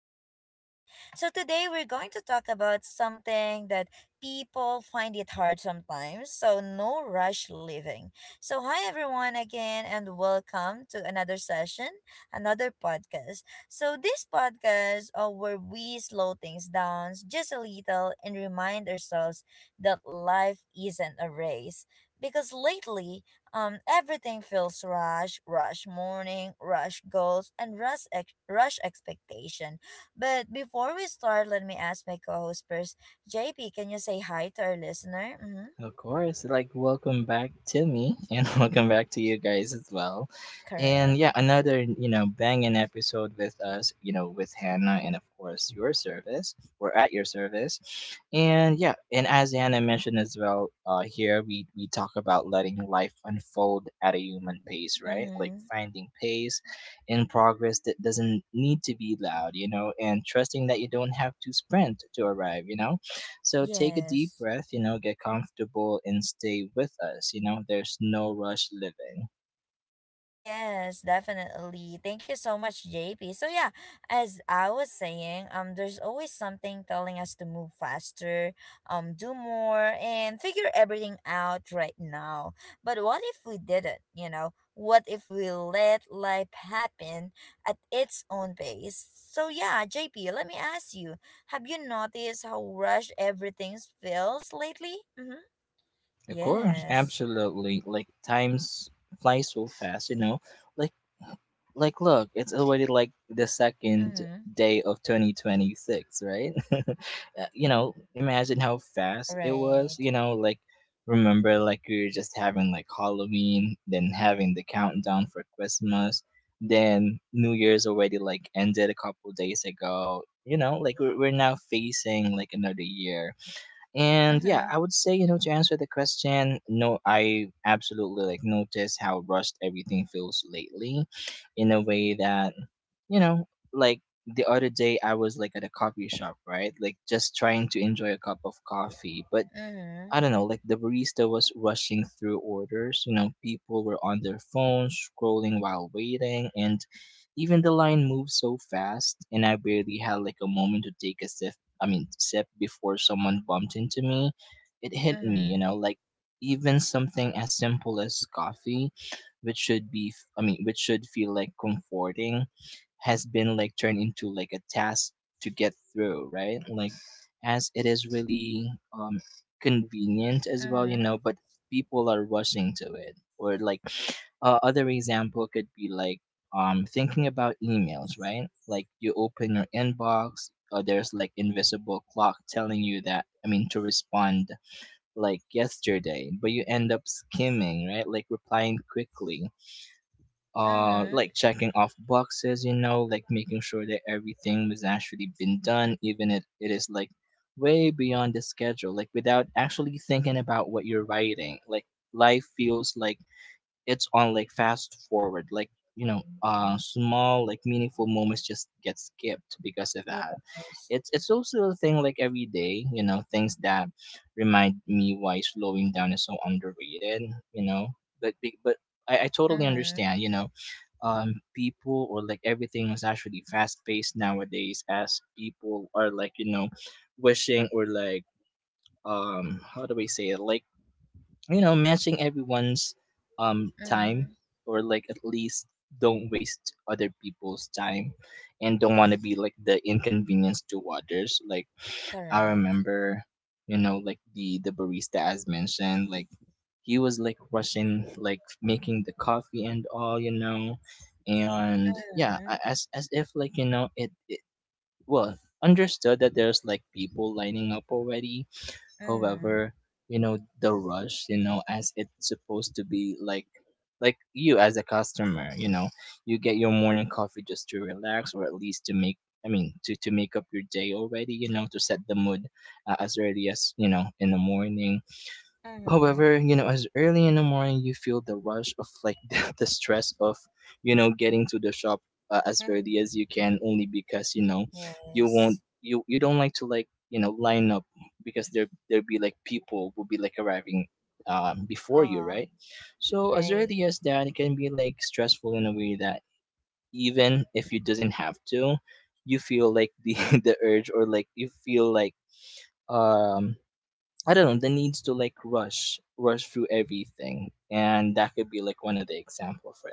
With JP. So today we're going to talk about something that people find it hard sometimes, so no rush living. So hi everyone again and welcome to another session, another podcast. So this podcast, where we slow things down just a little and remind ourselves that life isn't a race because lately everything feels rush, rush morning, rush goals, and rush expectation. But before we start, let me ask my co-host first. JP, can you say hi to our listener? Mm-hmm. Of course, like welcome back to me and welcome back to you guys as well. And Correct. yeah, another, banging episode with us, with Hannah and of course your service. We're at your service. And yeah, and as Hannah mentioned as well, here we talk about letting life unfold at a human pace, right? Like Mm-hmm. finding pace in progress that doesn't need to be loud, you know, and trusting that you don't have to sprint to arrive, you know? So take a deep Yes. breath, you know, get comfortable and stay with us. You know, there's no rush living. Yes, definitely. Thank you so much, JP. So yeah, as I was saying, there's always something telling us to move faster, do more and figure everything out right now. But what if we didn't, you know? What if we let life happen at its own pace? So yeah, JP, let me ask you, have you noticed how rushed everything feels lately? Mhm. Of course, Yes. absolutely. Like times fly so fast, you know. Like like look, it's already like the second Mhm. day of 2026, right? You know, imagine how fast it was, Right. you know, like remember like we were just having like Halloween, then having the countdown for Christmas, then new year's already like ended a couple days ago, you know, like we're now facing like another year. And yeah, Mhm. I would say, you know, to answer the question, no, I absolutely like notice how rushed everything feels lately in a way that, you know, like the other day I was like at a coffee shop, right? Like just trying to enjoy a cup of coffee. But Mhm. I don't know, like the barista was rushing through orders. You know, people were on their phones, scrolling while waiting, and even the line moved so fast. And I barely had like a moment to take a sip. I mean, sip before someone bumped into me. It hit me, you know, Mhm, like even something as simple as coffee, which should be, I mean, which should feel like comforting, has been like turned into like a task to get through, right? Like as it is really convenient as well, you mhm, know, but people are rushing to it. Or like other example could be like thinking about emails, right? Like you open your inbox, there's like invisible clock telling you that I mean to respond like yesterday, but you end up skimming, right? Like replying quickly, mhm. like checking off boxes, you know, like making sure that everything was actually been done even if it is like way beyond the schedule, like without actually thinking about what you're writing. Like life feels like it's on like fast forward, like you know, small like meaningful moments just get skipped because of that. Yes. It's also a thing like every day, you know, things that remind me why slowing down is so underrated, you know. But I totally understand, Mhm, you know, people or like everything is actually fast paced nowadays as people are like, you know, wishing or like how do we say it, like, you know, matching everyone's time, mhm. or like at least don't waste other people's time, and don't want to be like the inconvenience to others. Like I Correct. remember, you know, like the barista as mentioned, like he was like rushing, like making the coffee and all, you know, and yeah, a- Mhm, as as if like you know it well understood that there's like people lining up already. mhm, However, you know, the rush, you know, as it's supposed to be like you as a customer, you know, you get your morning coffee just to relax, or at least to make, I mean, to make up your day already, you know, to set the mood, as early as, you know, in the morning. mhm. However, you know, as early in the morning you feel the rush of like the stress of, you know, getting to the shop as early as you can, only because, you know, you won't, Yes. You don't like to like, you know, line up because there be like people will be like arriving before you, Ah, right? So as early right. as that, it can be like stressful in a way that even if you doesn't have to, you feel like the the urge, or like you feel like um I don't know, the needs to like rush through everything. And that could be like one of the example for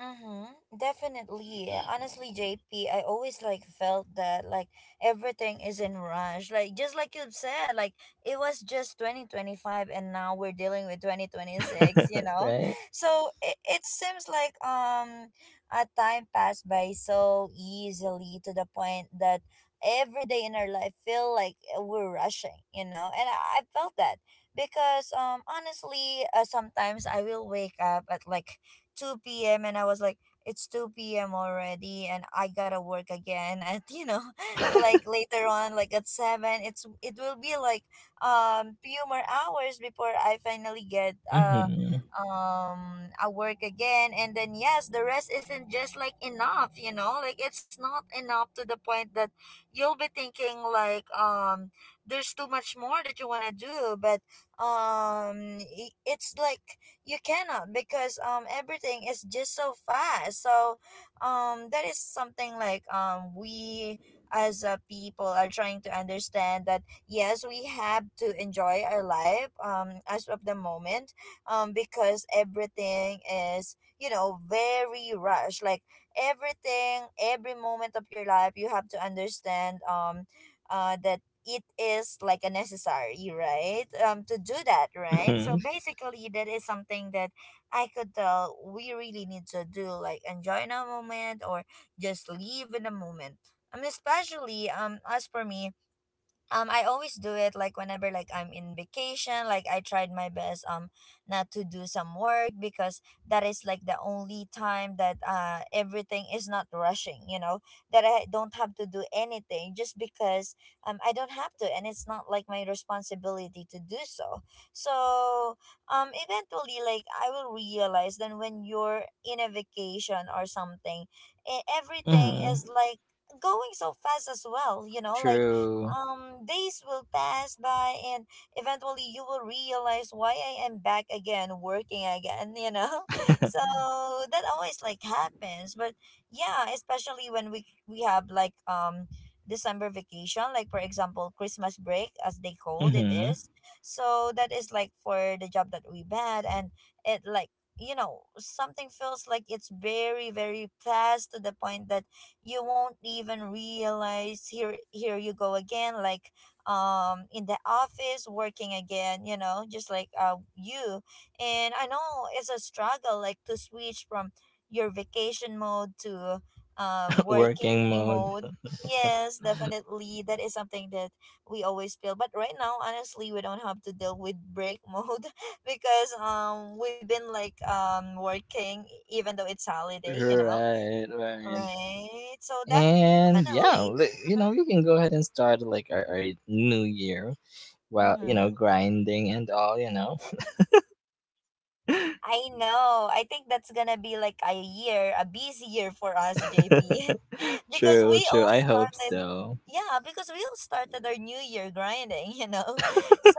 Mm-hmm, definitely. Honestly, J P, I always like felt that like everything is in rush. Like just like you said, like it was just 2025 and now we're dealing with 2026, you that. know? Right? So it seems like a time passed by so easily to the point that every day in our life feel like we're rushing, you know? And I felt that because honestly, sometimes I will wake up at like 2 p.m. and I was like, it's 2 p.m. already and I gotta work again at you know, like later on, like at seven, it will be like few more hours before I finally get Hmm. I work again. And then yes, the rest isn't just like enough, you know, like it's not enough to the point that you'll be thinking like there's too much more that you want to do but it's like you cannot because everything is just so fast. So that is something like we as a people are trying to understand that yes, we have to enjoy our life as of the moment, because everything is, you know, very rushed. Like everything, every moment of your life you have to understand that it is like a necessary right, to do that, right? So Hmm. basically that is something that I could tell we really need to do, like enjoy in a moment or just live in a moment. Especially as for me, I always do it like whenever like I'm in vacation. Like I tried my best not to do some work because that is like the only time that everything is not rushing, you know, that I don't have to do anything just because I don't have to and it's not like my responsibility to do so. So eventually like I will realize that when you're in a vacation or something, everything Hmm. is like going so fast as well, you know, like True. Days will pass by and eventually you will realize, why I am back again working again, you know? So that always like happens. But yeah, especially when we have like December vacation, like for example Christmas break, as they called it, Hmm. is so that is like for the job that we've had. And it like, you know, something feels like it's very, very fast to the point that you won't even realize, here here you go again, like in the office working again, you know, just like you and I know it's a struggle, like to switch from your vacation mode to working Working mode. mode. Yes, definitely that is something that we always feel. But right now, honestly, we don't have to deal with break mode because we've been like working even though it's holiday, you know. Right, right. Right. So And definitely. yeah, you know, you can go ahead and start like our new year while, you Mm-hmm. know, grinding and all, you know. I know. I think that's gonna be like a year, a busy year for us, JP, because we True, all true. I hope started. so. Yeah, because we all started our new year grinding, you know? So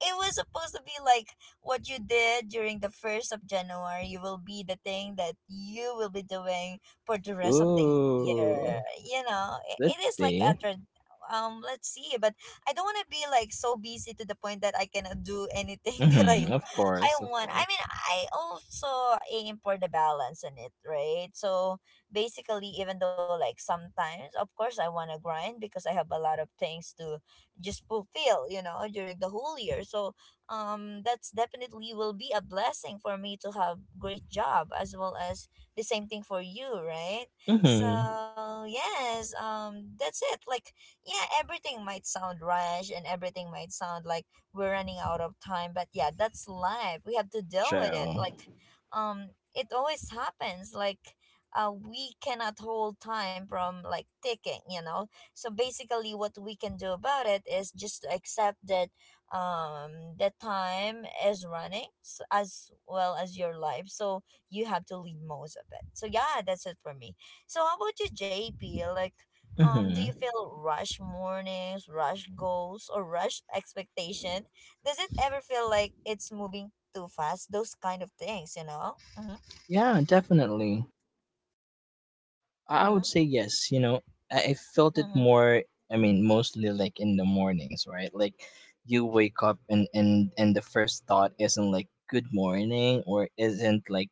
it was supposed to be like what you did during the 1st of January, you will be the thing that you will be doing for the rest of the year. Ooh. You know, it is Let's like a see. Let's see. But I don't want to be like so busy to the point that I cannot do anything that i Mhm, of I course, of want. I course. mean, I also aim for the balance in it, right? So basically, even though like sometimes, of course, I want to grind because I have a lot of things to just fulfill, you know, during the whole year. So that's definitely be a blessing for me to have great job, as well as the same thing for you, right? Mhm. So yes, that's it. Like yeah, everything might sound rash and everything might sound like we're running out of time, but yeah, that's life, we have to deal with it. True. Like it always happens. Like we cannot hold time from like ticking, you know. So basically what we can do about it is just to accept that the time is running as well as your life, so you have to leave most of it. So yeah, that's it for me. So how about you, JP? Like do you Mhm. feel rush mornings, rush goals, or rush expectation? Does it ever feel like it's moving too fast? Those kind of things, you know? Mm-hmm. Yeah, definitely. I would Mm-hmm. say yes, you know. I felt it Mm-hmm. more, I mean, mostly like in the mornings, right? Like you wake up and and the first thought isn't like good morning, or isn't like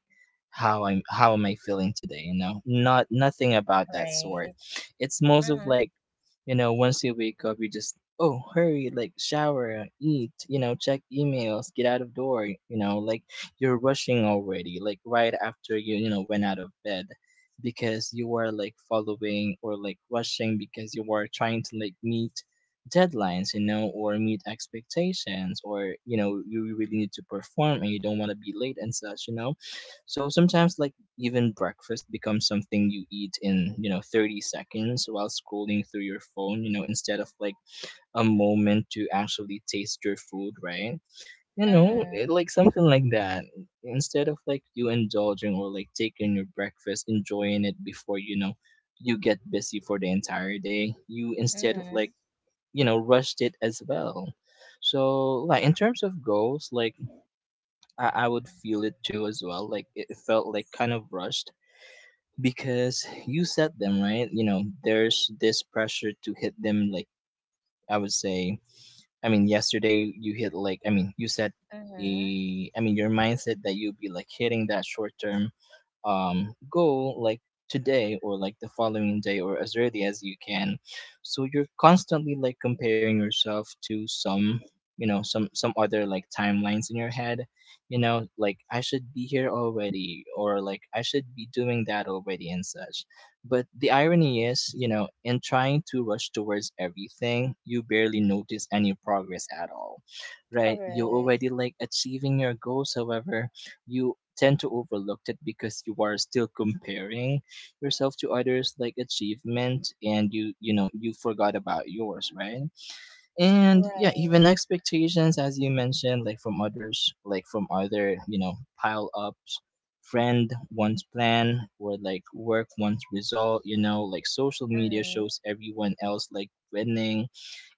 how am I feeling today, you know? Not nothing about that Right. sort. It's most of Mm-hmm. like, you know, once you wake up, you just, oh, hurry, like shower, eat, you know, check emails, get out of door, you know, like you're rushing already, like right after you, you know, went out of bed because you are like following or like rushing because you are trying to like meet deadlines, you know, or meet expectations, or you know, you really need to perform and you don't want to be late and such, you know. So sometimes, like even breakfast becomes something you eat in, you know, 30 seconds while scrolling through your phone, you know, instead of like a moment to actually taste your food, right? You know Mm-hmm. it, like something like that, instead of like you indulging or like taking your breakfast enjoying it before, you know, you get busy for the entire day, you instead of Mm-hmm. like, you know, rushed it as well. So like in terms of goals, like I would feel it too as well. Like it felt like kind of rushed, because you set them, right? You know, there's this pressure to hit them. Like I would say, I mean yesterday you, hit like, I mean you set Mm-hmm. a, I mean your mindset that you'll be like hitting that short term, go like today, or like the following day, or as early as you can. So you're constantly like comparing yourself to some, you know, some other like timelines in your head, you know, like I should be here already, or like I should be doing that already and such. But the irony is, you know, in trying to rush towards everything you barely notice any progress at all, right? You're Correct. already like achieving your goals, however, you tend to overlook it because you are still comparing yourself to others like achievement and you know, you forgot about yours, right? And yeah, Right. even expectations as you mentioned, like from others, like from other, you know, pile ups, friend one's plan or like work one's result, you know, like social media Mm-hmm. shows everyone else like winning,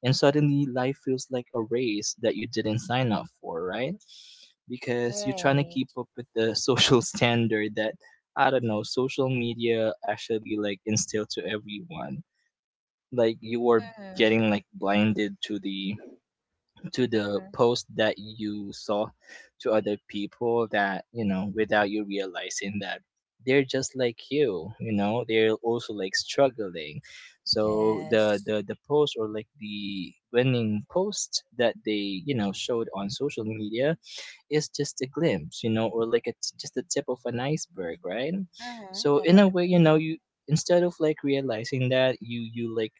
and suddenly life feels like a race that you didn't sign up for, right? Because you're trying to Right. keep up with the social standard that, I don't know, social media actually like instilled to everyone. Like you are Mm-hmm. getting like blinded to the, to the Mm-hmm. post that you saw, to other people that you know, without you realizing that they're just like you know, they're also like struggling. So Yes. the post or like the winning post that they, you know, showed on social media is just a glimpse, you know, or like it's just the tip of an iceberg, right? Mm-hmm. So in a way, Definitely. you know, you, instead of like realizing that, you like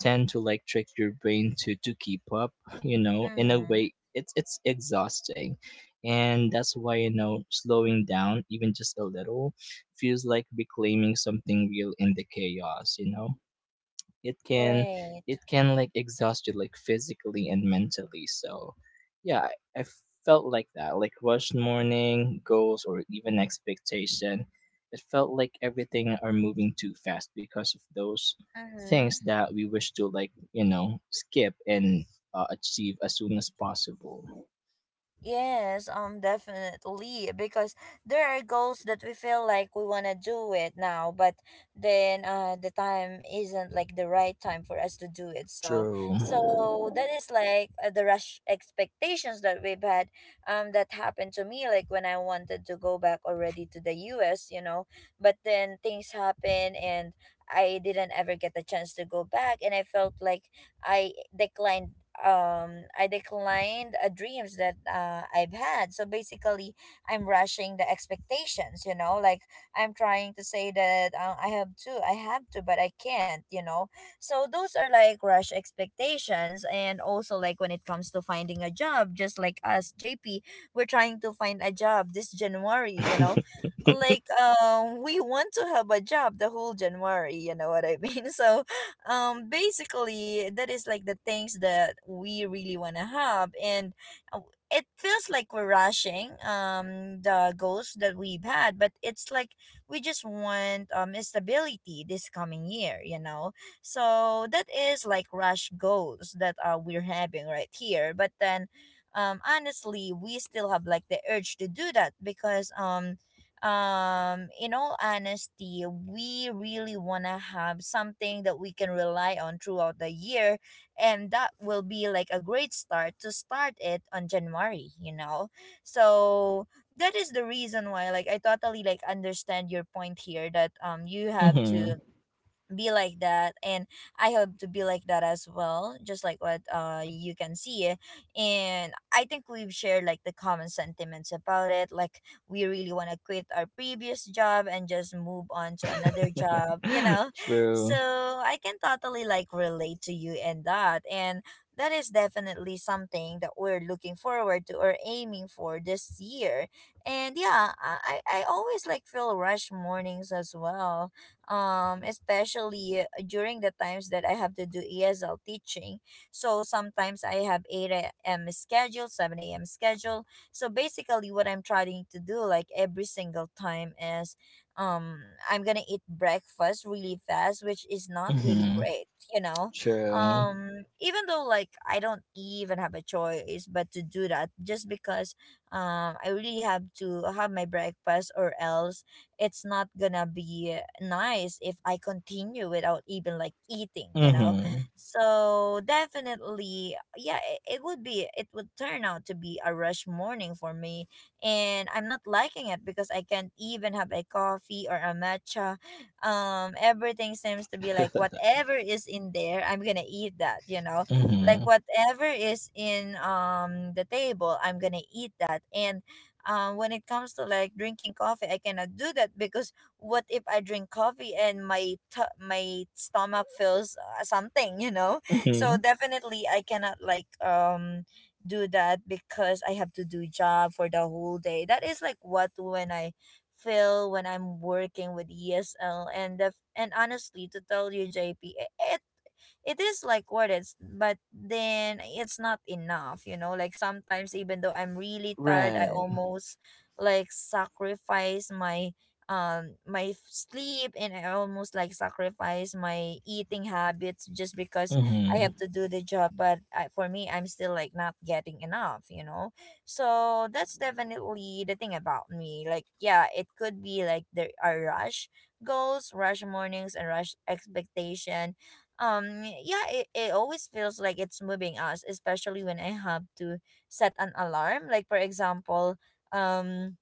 tend to like trick your brain to keep up, you know. In a Mm-hmm. way, it's exhausting, and that's why, you know, slowing down even just a little feels like reclaiming something real in the chaos, you know. It can, Right. it can like exhaust you, like physically and mentally, so yeah, I felt like that, like rushed morning goals or even expectation. It felt like everything are moving too fast because of those things Mm-hmm. that we wish to like, you know, skip and achieve as soon as possible. Yes, definitely. Because there are goals that we feel like we wanna do it now, but then the time isn't like the right time for us to do it. So, True. so that is like the rush expectations that we've had. That happened to me like when I wanted to go back already to the U.S. You know, but then things happen and. I didn't ever get the chance to go back, and I felt like I declined I declined dreams that I've had. So basically, I'm rushing the expectations. You know, like I'm trying to say that I have to, but I can't. You know, so those are like rush expectations. And also like when it comes to finding a job, just like us, JP, we're trying to find a job this January. You know. Like we want to have a job the whole January, you know what I mean? So basically that is like the things that we really want to have. And uh, it feels like we're rushing the goals that we've had, but it's like we just want stability this coming year, you know. So that is like rush goals that we're having right here. But then honestly we still have like the urge to do that because in all honesty we really want to have something that we can rely on throughout the year. And that will be like a great start to start it on January, you know. So that is the reason why like I totally like understand your point here, that you have Hmm. to be like that. And I hope to be like that as well, just like what you can see. And I think we've shared like the common sentiments about it. Like we really want to quit our previous job and just move on to another job, you know. True. So I can totally like relate to you in that. And that is definitely something that we're looking forward to or aiming for this year. And yeah, I always like feel rush mornings as well. Especially during the times that I have to do ESL teaching. So sometimes I have 8 a.m. schedule, 7 a.m. schedule. So basically what I'm trying to do like every single time is I'm going to eat breakfast really fast, which is not really Hmm. great, you know. True. Um, even though like I don't even have a choice but to do that just because I really have to have my breakfast, or else it's not gonna be nice if I continue without even like eating, you know? Hmm. So definitely, yeah, it would be, it would turn out to be a rush morning for me. And I'm not liking it because I can't even have a coffee or a matcha. Everything seems to be like whatever is in there, I'm gonna eat that, you know? Like Mhm. whatever is in the table, I'm gonna eat that. And when it comes to like drinking coffee, I cannot do that because what if I drink coffee and my stomach feels something, you know? So Mhm. definitely I cannot like do that because I have to do job for the whole day. That is like what when I feel when I'm working with ESL. And the, and honestly to tell you, JP, it it is like worth it, but then it's not enough, you know. Like sometimes even though I'm really tired, I Right. almost like sacrifice my my sleep, and I almost like sacrifice my eating habits just because I Mhm. have to do the job. But for me, I'm still like not getting enough, you know. So that's definitely the thing about me. Like yeah, it could be like there are rush goals, rush mornings and rush expectation. Yeah, it always feels like it's moving us, especially when I have to set an alarm. Like for example, um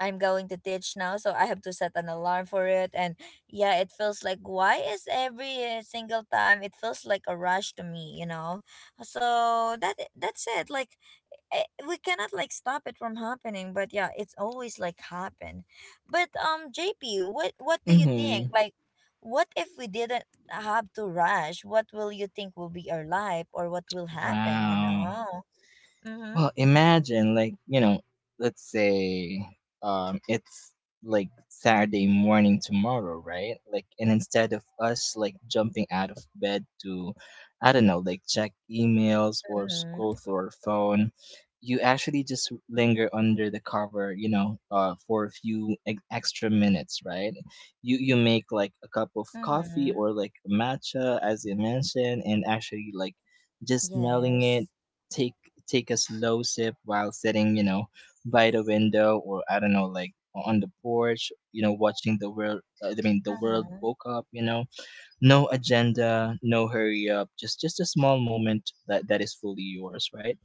I'm going to teach now, so I have to set an alarm for it. And yeah, it feels like why is every single time it feels like a rush to me, you know. So that's it. Like we cannot like stop it from happening, but yeah, it's always like happen. But JP, what do you think, Mhm. like what if we didn't have to rush? What will you think will be our life or what will happen, you Wow. know? Mm-hmm. Well, imagine like, you know, let's say it's like Saturday morning tomorrow, right? Like, and instead of us like jumping out of bed to, I don't know, like check emails or scroll Mm-hmm. through our phone, you actually just linger under the cover, you know, for a few extra minutes, right? You make like a cup of coffee Mm-hmm. or like matcha as you mentioned and actually like just smelling it, Yes. take take a slow sip while sitting, you know, by the window, or I don't know, like on the porch, you know, watching the world. The world Mm-hmm. woke up. You know, no agenda, no hurry up, just a small moment that is fully yours, right?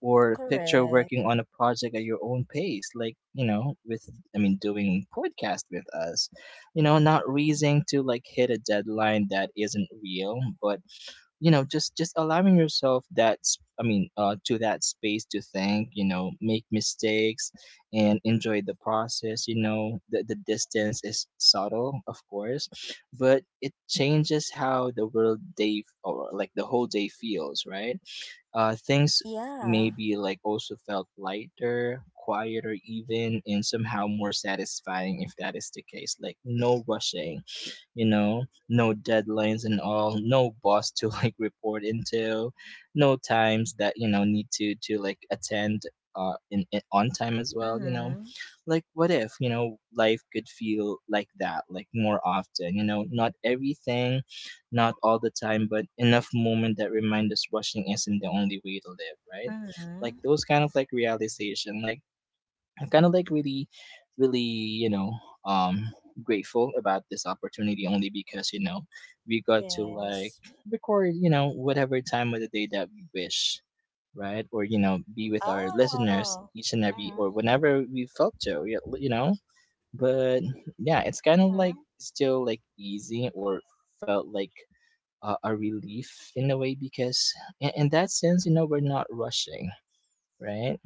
Or picture Correct. working on a project at your own pace, like you know, with doing podcast with us. You know, not reasoning to like hit a deadline that isn't real, but you know just allowing yourself that s- I mean to that space to think, you know, make mistakes and enjoy the process, you know, the distance is subtle of course, but it changes how the whole day feels, right? Uh, things Yeah. maybe like also felt lighter, quieter even, and somehow more satisfying, if that is the case, like no rushing, you know, no deadlines and all, no boss to like report into, no times that you know need to like attend in on time as well, you know. Mm-hmm. Like what if, you know, life could feel like that, like more often, you know, not everything, not all the time, but enough moment that remind us rushing isn't the only way to live, right? Like Mm-hmm. those kind of like realization, like I'm kind of like you know, um, grateful about this opportunity only because you know we got to like Yes. record, you know, whatever time of the day that we wish, right? Or you know, be with our listeners Oh. each and every or Mm-hmm. whenever we felt to, you know. But yeah, it's kind of like Mm-hmm. still like easy or felt like a relief in a way because in that sense, you know, we're not rushing, right?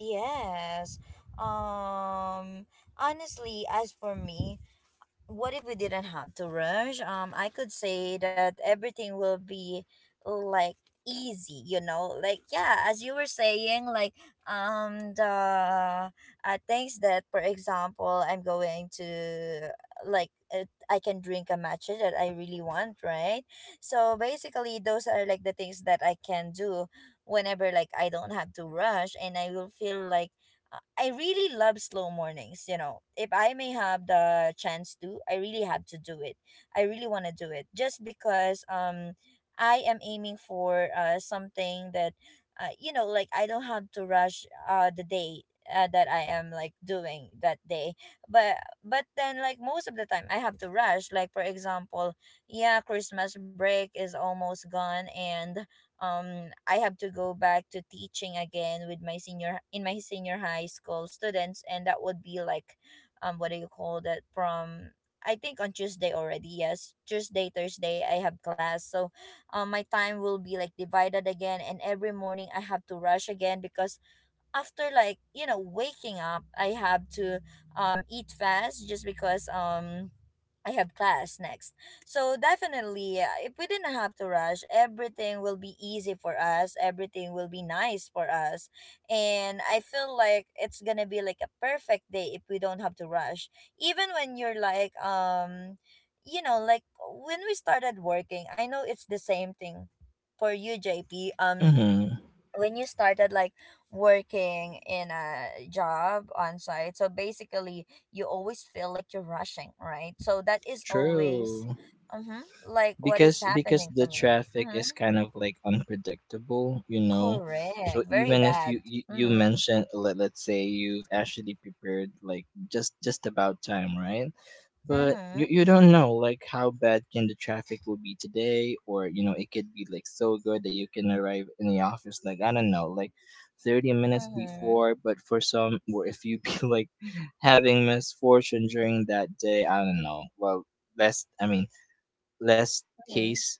Yes. Um honestly, as for me, what if we didn't have to rush? I could say that everything will be like easy, you know. Like yeah, as you were saying, like the things that, for example, I'm going to like I can drink a matcha that I really want, right? So basically those are like the things that I can do whenever, like I don't have to rush, and I will feel like I really love slow mornings, you know. If I may have the chance to, I really have to do it. I really want to do it just because I am aiming for something that you know, like I don't have to rush the day that I am like doing that day. But but then like most of the time I have to rush. Like for example, yeah, Christmas break is almost gone. And I have to go back to teaching again with my senior in my senior high school students, and that would be like what do you call that? From I think on Tuesday already. Yes, Tuesday, Thursday I have class. So my time will be like divided again, and every morning I have to rush again because after like, you know, waking up, I have to eat fast just because I have class next. So definitely, if we didn't have to rush, everything will be easy for us. Everything will be nice for us. And I feel like it's gonna be like a perfect day if we don't have to rush. Even when you're like, you know, like when we started working, I know it's the same thing for you, JP. Mm-hmm. When you started like working in a job on site, so basically you always feel like you're rushing, right? So that is always True. mm-hmm, like what is Because happening the to me. traffic Mm-hmm. is kind of like unpredictable, you know, so Correct. Very even if you bad. you, you Mm-hmm. mentioned, let's say you've actually prepared like just about time, right? But Mm-hmm. you don't know like how bad can the traffic will be today, or you know, it could be like so good that you can arrive in the office like I don't know, like 30 minutes Mm-hmm. before, but for some, or if you be like having misfortune during that day, I don't know, well, less I mean less Mm-hmm. case,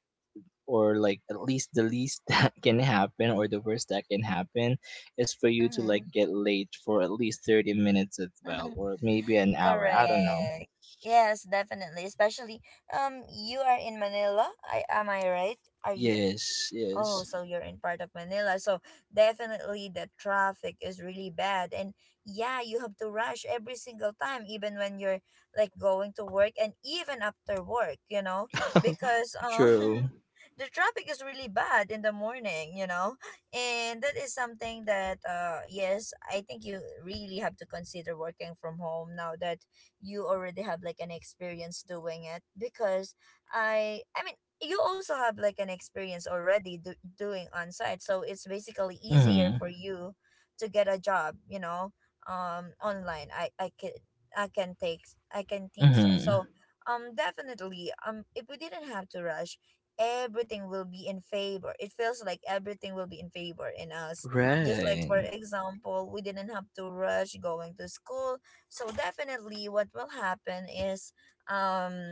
or like at least the least that can happen, or the worst that can happen is for you to like Mm-hmm. get late for at least 30 minutes as well, or maybe an hour, I don't know. Correct. Yes, definitely, especially you are in Manila, am I right? Are you? Yes, Oh, yes. so you're in part of Manila. So definitely the traffic is really bad. And yeah, you have to rush every single time, even when you're like going to work and even after work, you know, because True. the traffic is really bad in the morning, you know. And that is something that yes, I think you really have to consider working from home now that you already have like an experience doing it. Because I mean, you also have like an experience already doing on site, so it's basically easier Mm-hmm. for you to get a job, you know. Online, I can I can take, I can think so. Mm-hmm. So definitely, if we didn't have to rush, everything will be in favor. It feels like everything will be in favor in us. Just like Right. for example, we didn't have to rush going to school. So definitely what will happen is um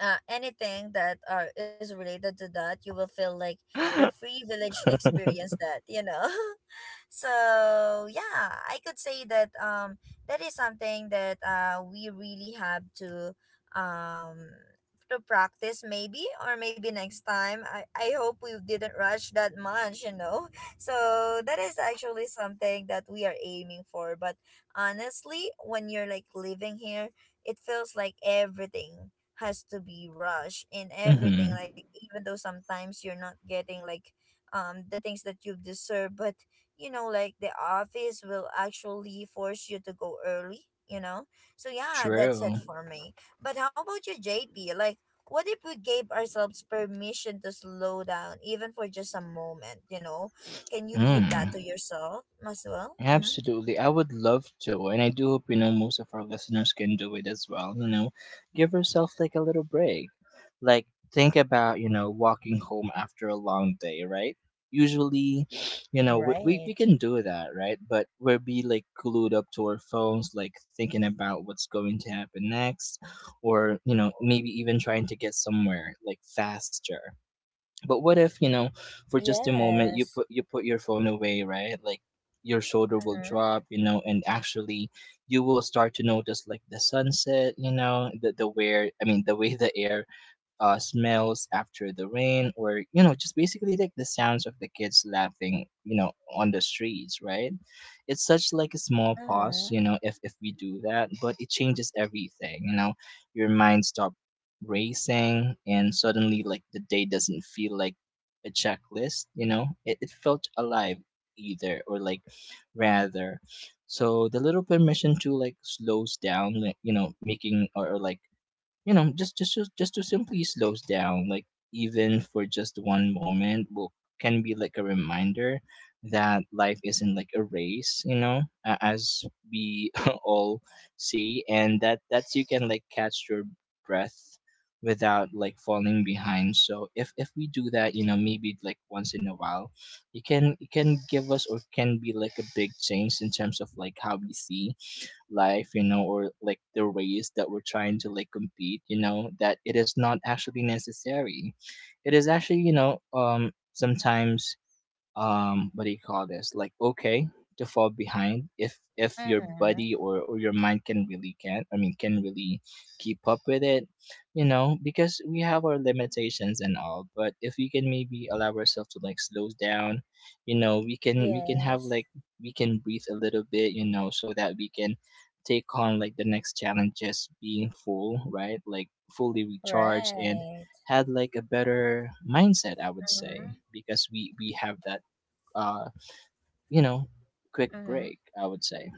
anything that are is related to that, you will feel like you're free village to experience that, you know. So yeah, I could say that that is something that we really have um to practice maybe, or maybe next time. I hope we didn't rush that much, you know. So that is actually something that we are aiming for. But honestly, when you're like living here, it feels like everything has to be rushed in everything, Mm-hmm. like even though sometimes you're not getting like the things that you deserve, but you know, like the office will actually force you to go early, you know? So yeah, that's True. it for me. But how about you, JP? Like, what if we gave ourselves permission to slow down, even for just a moment, you know? Can you give that to Mm. yourself as well? Mm-hmm. Absolutely. I would love to. And I do hope, you know, most of our listeners can do it as well. You know, give yourself like a little break. Like, think about, you know, walking home after a long day, right? Usually, you know, we Right. can do that, right? But we'll be like glued up to our phones, like thinking about what's going to happen next, or, you know, maybe even trying to get somewhere like faster. But what if, you know, for just a moment, you Yes. Put your phone away, right? Like your shoulder will Mm-hmm. drop, you know, and actually you will start to notice like the sunset, you know, the where I mean the way the air smells after the rain, or you know, just basically like the sounds of the kids laughing, you know, on the streets, right? It's such like a small pause, Mm-hmm. you know, if we do that, but it changes everything, you know. Your mind stops racing, and suddenly like the day doesn't feel like a checklist, you know. It felt alive either, or like rather, so the little permission to like slows down, like you know, making or like you know, just to simply slows down, like even for just one moment, will can be like a reminder that life isn't like a race, you know, as we all see, and that that's you can like catch your breath without like falling behind. So if we do that, you know, maybe like once in a while, it can give us, or can be like a big change in terms of like how we see life, you know, or like the race that we're trying to like compete, you know, that it is not actually necessary. It is actually, you know, sometimes what do you call this, like okay to fall behind if your Mm-hmm. body or your mind can really can I mean can really keep up with it, you know, because we have our limitations and all. But if we can maybe allow ourselves to like slow down, you know, we can have Yes. like we can breathe a little bit, you know, so that we can take on like the next challenges being full, right? Like fully recharged and Right. had like a better mindset, I would Mm-hmm. say, because we have that uh, you know, quick Mm-hmm. break, I would say.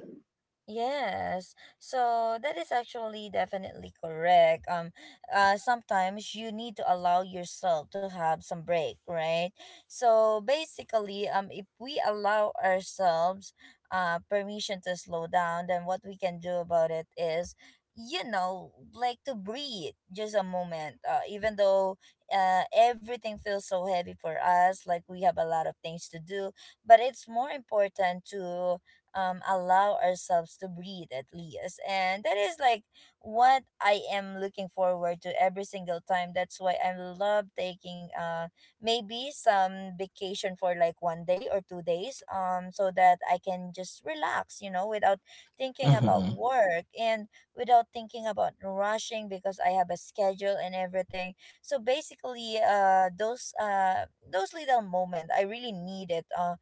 Yes. So that is actually definitely correct. Sometimes you need to allow yourself to have some break, right? So basically, if we allow ourselves permission to slow down, then what we can do about it is, you know, like to breathe just a moment, even though everything feels so heavy for us, like we have a lot of things to do, but it's more important to allow ourselves to breathe at least. And that is like what I am looking forward to every single time. That's why I love taking maybe some vacation for like 1 day or 2 days, so that I can just relax, you know, without thinking about Hmm. work and without thinking about rushing because I have a schedule and everything. So basically, those little moments, I really need it.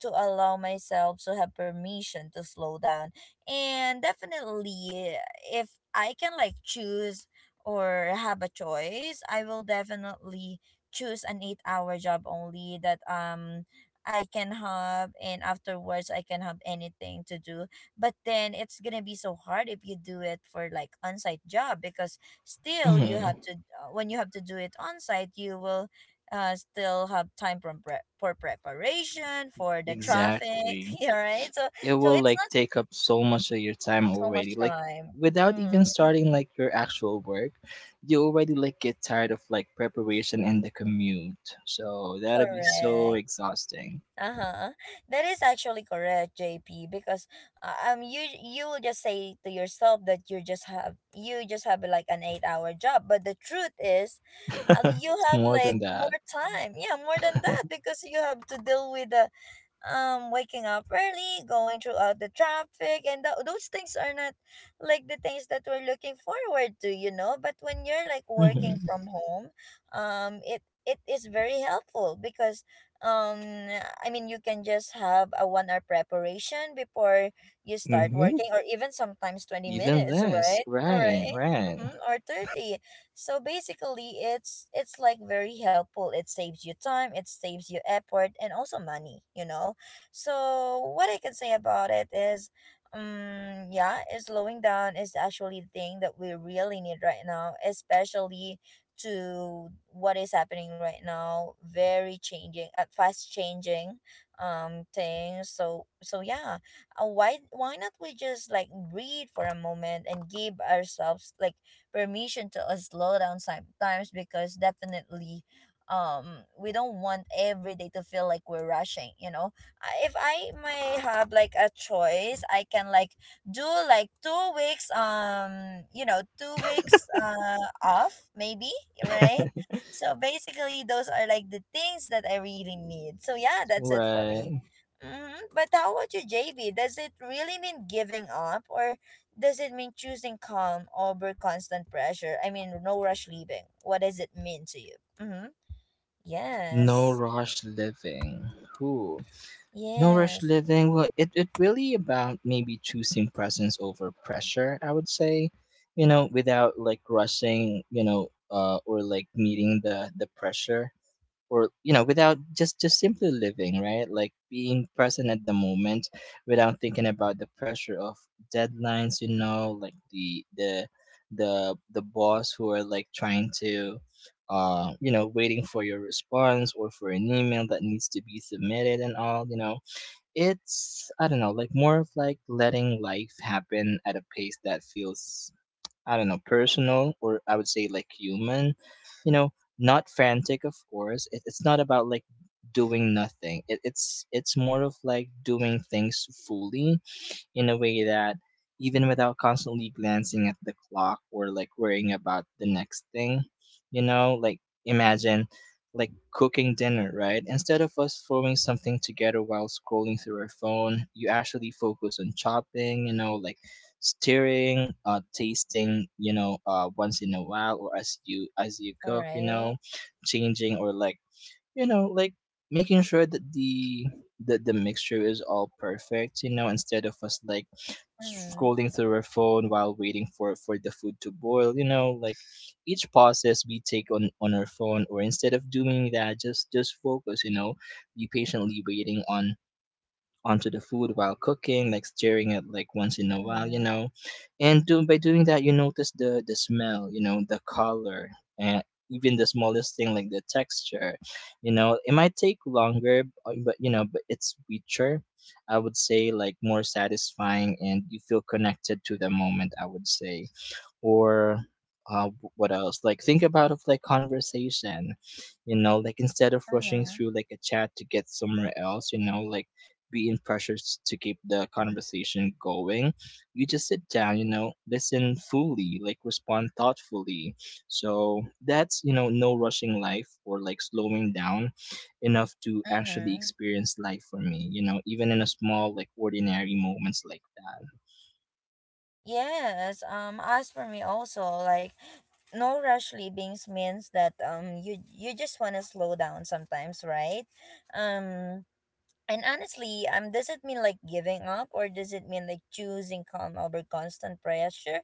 To allow myself to have permission to slow down. And definitely, if I can like choose or have a choice, I will definitely choose an 8 hour job only that I can have, and afterwards I can have anything to do. But then it's gonna be so hard if you do it for like on site job, because still you Hmm. have to when you have to do it on site, you will still have time from for preparation for the traffic. Exactly. Yeah, right. So It so will it's like not take up so much of your time so already. much Like time. without Mm. even starting like your actual work, you already like get tired of like preparation and the commute. So that'll be so Correct. exhausting. Uh-huh. That is actually correct, JP, because you will just say to yourself that you just have like an 8 hour job, but the truth is you It's have more than like that. more time, yeah, more than that, because you have to deal with the waking up early, going throughout the traffic, and those things are not like the things that we're looking forward to, you know. But when you're like working Hmm. from home, it it is very helpful because um I mean, you can just have a 1 hour preparation before you start Hmm. working, or even sometimes 20 Even minutes, less. right? All Right, right. right. Mm-hmm. Or 30. So basically it's like very helpful. It saves you time, it saves you effort, and also money, you know. So what I can say about it is, yeah, is slowing down is actually the thing that we really need right now, especially to what is happening right now. Very changing, fast changing, things. So so yeah, why not we just like breathe for a moment and give ourselves like permission to slow down sometimes, because definitely we don't want every day to feel like we're rushing, you know. If I may have like a choice, I can like do like 2 weeks, you know, 2 weeks off maybe. Right. So basically, those are like the things that I really need. So yeah, that's it for me. Right. Hmm. But how about you, JB? Does it really mean giving up, or does it mean choosing calm over constant pressure? I mean, no rush leaving. What does it mean to you? Mm-hmm. No Yes. rush living. Who? No rush Yes. living. Well, it really about maybe choosing presence over pressure. I would say, you know, without like rushing, you know, or like meeting the pressure, or you know, without just simply living, right? Like being present at the moment, without thinking about the pressure of deadlines. You know, like the boss who are like trying to you know, waiting for your response or for an email that needs to be submitted and all, you know, it's I don't know, like more of like letting life happen at a pace that feels I don't know, personal, or I would say like human. You know, not frantic of course. It's not about like doing nothing. It's more of like doing things fully in a way that even without constantly glancing at the clock or like worrying about the next thing, you know, like imagine like cooking dinner, right? Instead of us throwing something together while scrolling through our phone, you actually focus on chopping, you know, like stirring, uh, tasting, you know, uh, once in a while or as you All cook, you know, right. changing, or like you know, like making sure that the mixture is all perfect, you know, instead of us like Mm-hmm. scrolling through our phone while waiting for the food to boil, you know, like each process we take on our phone. Or instead of doing that, just focus, you know, be patiently waiting on onto the food while cooking, like stirring it like once in a while, you Mm-hmm. know. And do, by doing that, you notice the smell, you know, the color, and even the smallest thing like the texture. You know, it might take longer, but you know, but it's richer. I would say like more satisfying, and you feel connected to the moment. I would say, or what else? Like think about of like conversation, you know, like instead of rushing Mm-hmm. through like a chat to get somewhere else, you know, like being pressured to keep the conversation going. You just sit down, you know, listen fully, like respond thoughtfully. So that's, you know, no rushing life or like slowing down enough to actually Mm-hmm. experience life for me, you know, even in a small, like ordinary moments like Yes, as for me also, like no rush leavings means that you just want to slow down sometimes, right? Um and honestly, does it mean like giving up, or does it mean like choosing calm over constant pressure?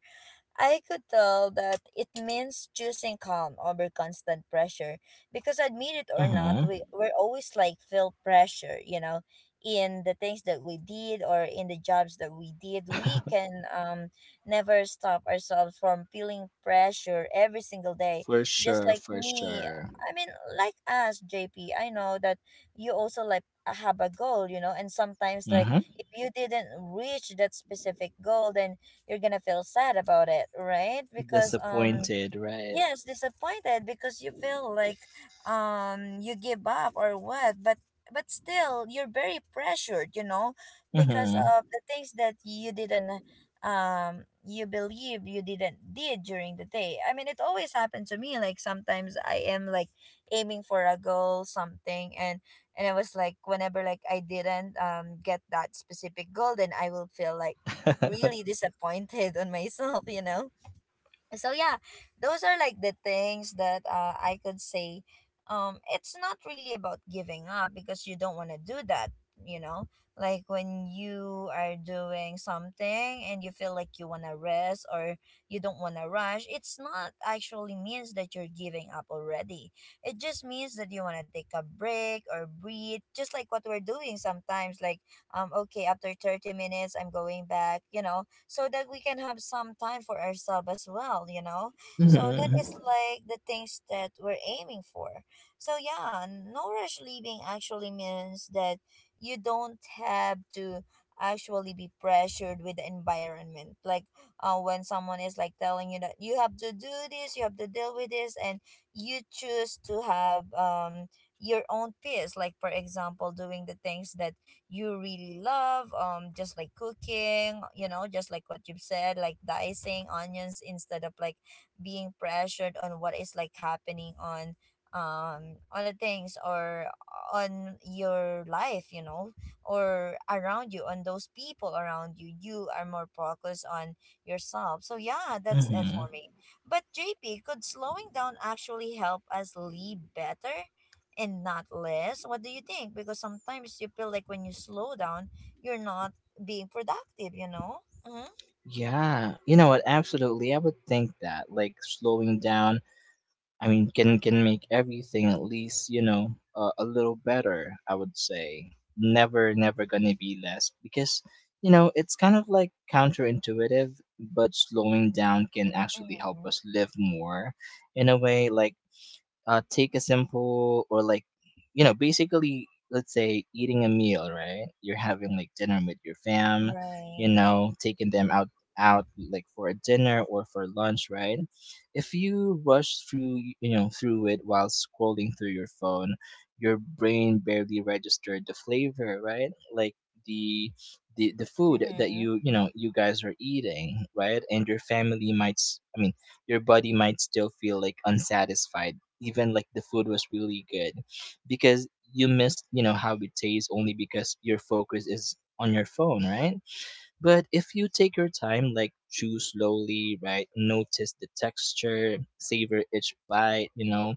I could tell that it means choosing calm over constant pressure because admit it that. or not, Uh-huh. we're always like feel pressure, you know, in the things that we did or in the jobs that we did. We can never stop ourselves from feeling pressure every single day. For Just sure, like for me, sure. I mean, like us, JP, I know that you also like have a goal, you know, and sometimes like Mm-hmm. if you didn't reach that specific goal, then you're gonna feel sad about it, right? Because Disappointed, right? yes, disappointed, because you feel like you give up or what, but still you're very pressured, you know, because Mm-hmm. of the things that you didn't you believe you didn't did during the day. I mean, it always happened to me. Like sometimes I am like aiming for a goal something, and I was like, whenever like I didn't get that specific goal, then I will feel like really disappointed on myself, you know. So yeah, those are like the things that I could say it's not really about giving up because you don't want to do that, you know. Like when you are doing something and you feel like you want to rest or you don't want to rush, it's not actually means that you're giving up already. It just means that you want to take a break or breathe, just like what we're doing sometimes. Like okay, after 30 minutes I'm going back, you know, so that we can have some time for ourselves as well, you know? So that is like the things that we're aiming for. So yeah, no rush leaving actually means that you don't have to actually be pressured with the environment. Like when someone is like telling you that you have to do this, you have to deal with this, and you choose to have your own peace, like for example doing the things that you really love, just like cooking, you know, just like what you've said, like dicing onions instead of like being pressured on what is like happening on the things or on your life, you know, or around you, on those people around you. You are more focused on yourself. So yeah, that's for Mm-hmm. me. But JP, could slowing down actually help us live better and not less? What do you think? Because sometimes you feel like when you slow down, you're not being productive, you know? Mm-hmm. Yeah, you know what? Absolutely, I would think that like slowing down, I mean, can make everything at least you know a little better. I would say never, gonna be less because you know it's kind of like counterintuitive, but slowing down can actually help Mm-hmm. us live more in a way. Like take a simple or like you know basically let's say eating a meal, right? You're having like dinner with your fam, you Right. know, taking them out like for a dinner or for lunch, right? If you rush through, you know, through it while scrolling through your phone, your brain barely registered the flavor, right? Like the the food that Mm-hmm. you guys are eating, right? And your family might I mean your body might still feel like unsatisfied even like the food was really good, because you miss, you know, how it tastes only because your focus is on your phone, right? But if you take your time, like chew slowly, right, notice the texture, savor each bite, you know,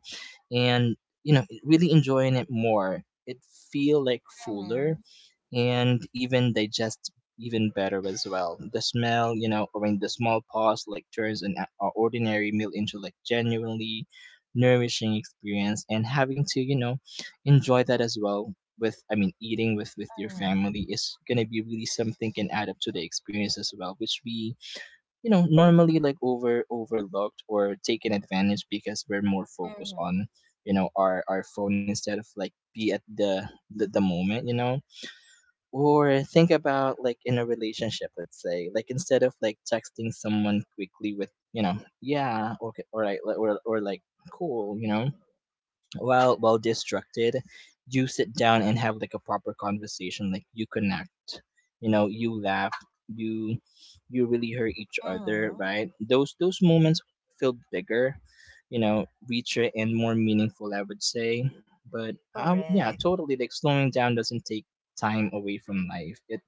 and really enjoying it more, it feel like fuller Mm-hmm. and even digest even better as well. The smell, you know, or in the small pause, like turns an ordinary meal into like genuinely nourishing experience, and having to, you know, enjoy that as well with, eating with your Mm-hmm. family is gonna be really something, can add up to the experience as well, which we, you know, normally like overlooked or taken advantage, because we're more focused Mm-hmm. on, you know, our phone instead of like be at the moment, you know, or think about like in a relationship, let's say, like instead of like texting someone quickly with, you know, yeah, okay, all right, or, like cool, you know, well distracted. You sit down and have like a proper conversation, like you connect, you know, you laugh, you you really hurt each other, Mm-hmm. right? Those moments feel bigger, you know, richer and more meaningful, I would say. Yeah, Correct. totally, like slowing down doesn't take time away from life, it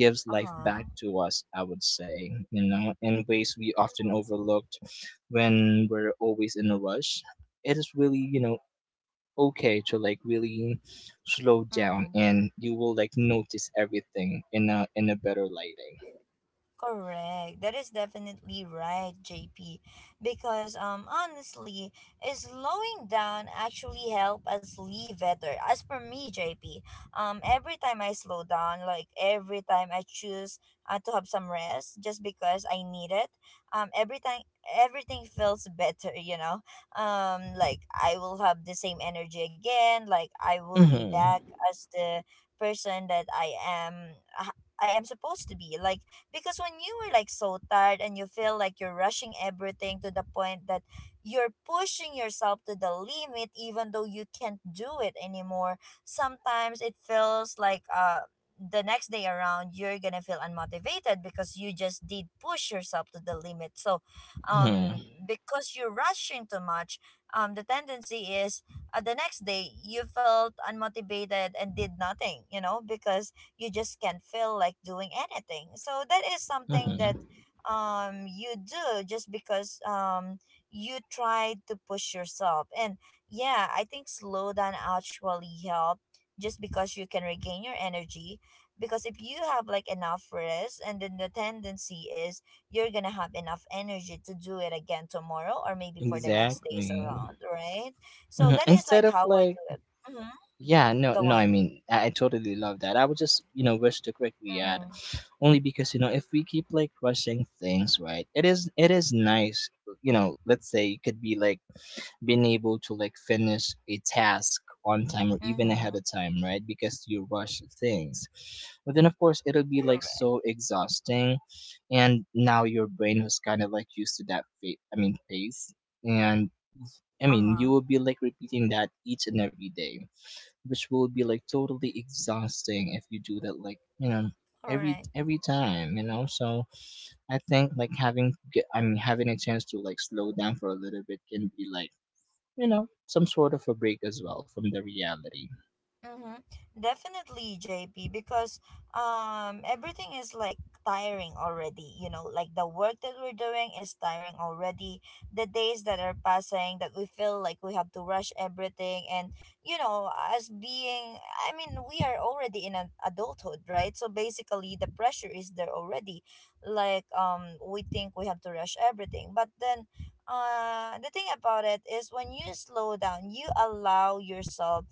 gives life Uh-huh. back to us, I would say, you know, in ways we often overlooked when we're always in a rush. It is really, you know, okay to like really slow down, Mm-hmm. and you will like notice everything in a better lighting. Correct. That is definitely right, JP. Because honestly, is slowing down actually help us live better? As for me, JP, every time I slow down, like every time I choose to have some rest just because I need it, um every time everything feels better, you know. Like I will have the same energy again, like I will be back Mm-hmm. as the person that I am supposed to be. Like because when you are like so tired and you feel like you're rushing everything to the point that you're pushing yourself to the limit even though you can't do it anymore, sometimes it feels like the next day around you're gonna feel unmotivated because you just did push yourself to the limit. So Mm-hmm. um because you're rushing too much, the tendency is the next day you felt unmotivated and did nothing, you know, because you just can't feel like doing anything. So that is something that Mm-hmm. You do just because you try to push yourself. And yeah, I think slow down actually help just because you can regain your energy, because if you have like enough rest, and then the tendency is you're gonna have enough energy to do it again tomorrow or maybe for the next days Exactly. around, right? So Mhm. that is Instead like of how I like, do it. Hmm. yeah, no, Go no, i on. mean I, I totally love that. I would just, you know, wish to quickly add only because, you know, if we keep like rushing things, right, it is nice, you know, let's say it could be like being able to like finish a task on time or even Mm-hmm. ahead of time, right? Because you rush things. But then, of course, it'll be like Correct. so exhausting. And now your brain was kind of like used to that, I mean, pace. And I mean, you Uh-huh. will be like repeating that each and every day, which will be like totally exhausting if you do that, like, you know, All every right. every time, you know. So I think like I mean having a chance to like slow down for a little bit can be like, you know, some sort of a break as well from the reality. Mm-hmm. Definitely, JP, because everything is like tiring already, you know, like the work that we're doing is tiring already. The days that are passing that we feel like we have to rush everything, and you know, as being, I mean, we are already in an adulthood, right? So basically the pressure is there already. Like we think we have to rush everything. But then the thing about it is when you slow down, you allow yourself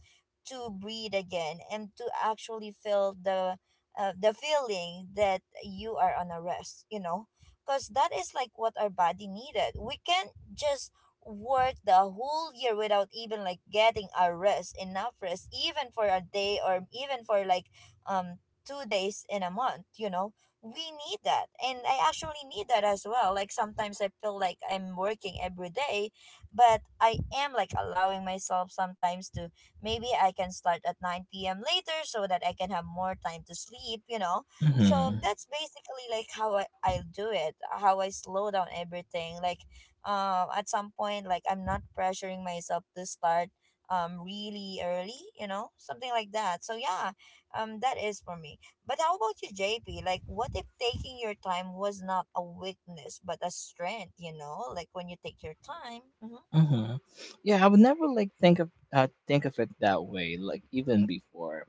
to breathe again and to actually feel the feeling that you are on a rest, you know. Because that is like what our body needed. We can't just work the whole year without even like getting our rest, enough rest, even for a day or even for like um 2 days in a month, you know. We need that, and I actually need that as well. Like sometimes I feel like I'm working every day, but I am like allowing myself sometimes to, maybe I can start at 9 p.m. later, so that I can have more time to sleep, you know? So Hmm. that's basically like how I'll do it, how I slow down everything. Like, at some point, like I'm not pressuring myself to start really early, you know? Something like that. So yeah, that is for me. But how about you, JP? Like, what if taking your time was not a weakness but a strength? You know, like when you take your time. Mm-hmm. Hmm. Yeah, I would never like think of it that way. Like even before,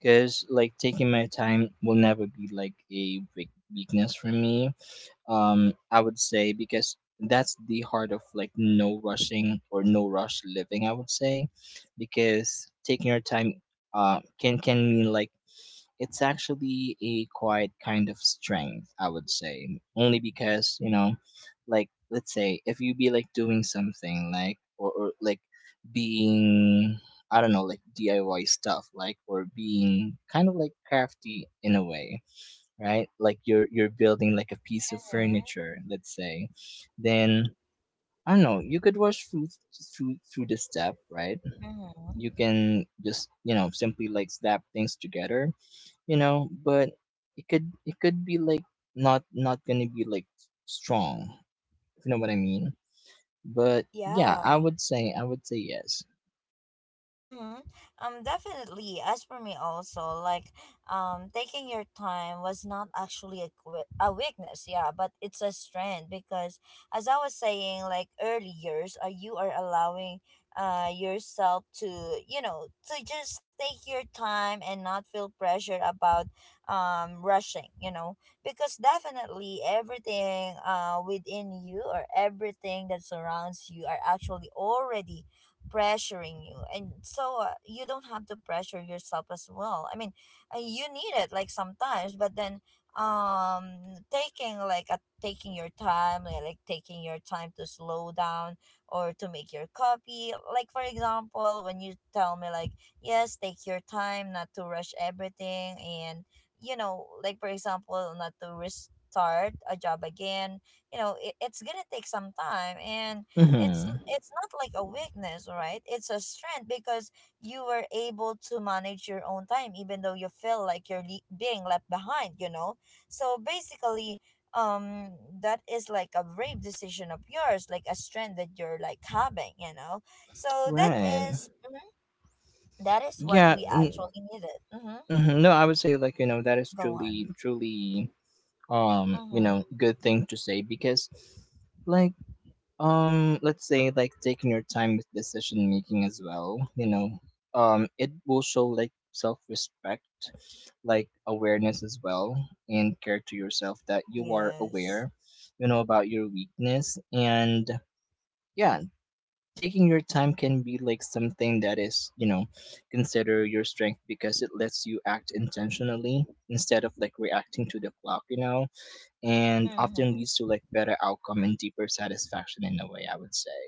because like taking my time will never be like a weakness for me. I would say because that's the heart of like no rushing or no rush living. I would say because taking your time can mean like it's actually a quite kind of strength, I would say. Only because, you know, like let's say if you be like doing something like, or, like being, I don't know, like DIY stuff, like or being kind of like crafty in a way, right? Like you're building like a piece of Mm-hmm. furniture, let's say, then I don't know, you could rush through through the step, right? Mm-hmm. You can just, you know, simply like slap things together, you know. But it could, be like not, gonna be like strong, if you know what I mean. But yeah, I Yeah. would say, yes. Mm-hmm. Definitely. As for me, also, like, taking your time was not actually a, a weakness, yeah, but it's a strength because, as I was saying, like, early years, you are allowing yourself to, you know, to just take your time and not feel pressure about rushing, you know, because definitely everything within you or everything that surrounds you are actually already pressuring you, and so you don't have to pressure yourself as well. I mean you need it like sometimes, but then um taking like a, taking your time, like taking your time to slow down or to make your copy, like for example when you tell me like yes, take your time, not to rush everything, and you know, like for example not to restart a job again, you know, it's gonna take some time, and it's Mm-hmm. Not like a weakness, right? It's a strength because you were able to manage your own time even though you feel like you're being left behind, you know. So basically, um that is like a brave decision of yours, like a strength that you're like having, you know. So Right. Mhm, that is what yeah we n- actually needed. Mm-hmm. mhm. No, I would say, like, you know, that is Go on. truly you know Mm-hmm. good thing to say because, like, let's say like taking your time with decision making as well, you know, it will show like self-respect, like awareness as well, and care to yourself that you are Yes. aware, you know, about your weakness. And yeah, taking your time can be like something that is, you know, consider your strength because it lets you act intentionally instead of like reacting to the clock, you know, and often Mm-hmm. leads to like better outcome and deeper satisfaction in a way, I would say.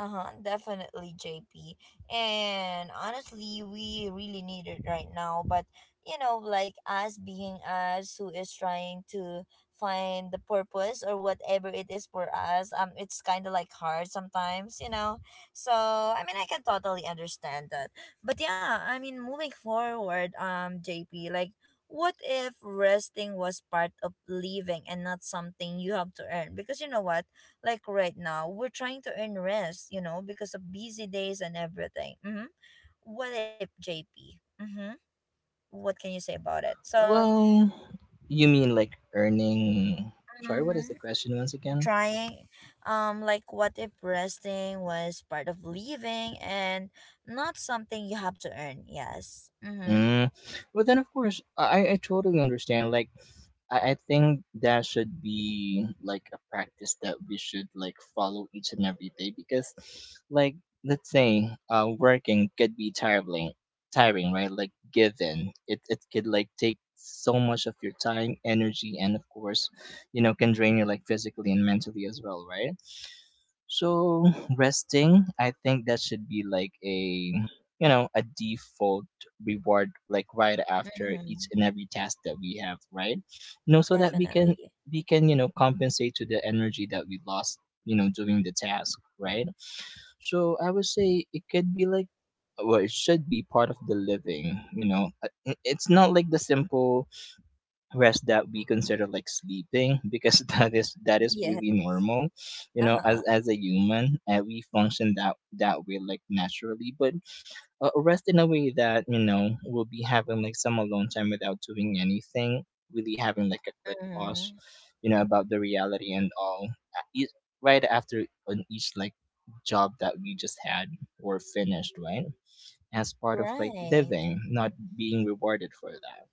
Uh-huh, definitely JP. And honestly, we really need it right now. But you know, like us being us who is trying to find the purpose or whatever it is for us, it's kinda like hard sometimes, you know. So I mean, I can totally understand that. But yeah, I mean moving forward, JP, like what if resting was part of living and not something you have to earn? Because you know what? Like right now we're trying to earn rest, you know, because of busy days and everything. Mm-hmm. What if, JP? Mm-hmm. What can you say about it? So Well, you mean like earning. Sorry, what is the mm-hmm. question once again? Trying, like what if resting was part of living and not something you have to earn? Yes. Mm-hmm. Mm. But then, of course, I totally understand. Like, I think that should be like a practice that we should like follow each and every day because, like, let's say, working could be tiring, right? Like, given it could like take so much of your time, energy, and of course, you know, can drain you like physically and mentally as well, right? So resting, I think that should be like a, you know, a default reward like right after each Mm-hmm. and every task that we have, right? You know, so that we can, Definitely. You know, compensate to the energy that we lost, you know, doing the task, right? So I would say it could be like, well, it should be part of the living, you know. It- it's not like the simple rest that we consider like sleeping, because that is Yeah. really normal, you know, as Uh-huh. A human, and we function that way like naturally. But rest in a way that, you know, we'll be having like some alone time without doing anything, really having like a quick pause, Mm-hmm. you know, about the reality and all at each, right after on each like job that we just had or finished, right, as part of like Right. living, not being rewarded for that.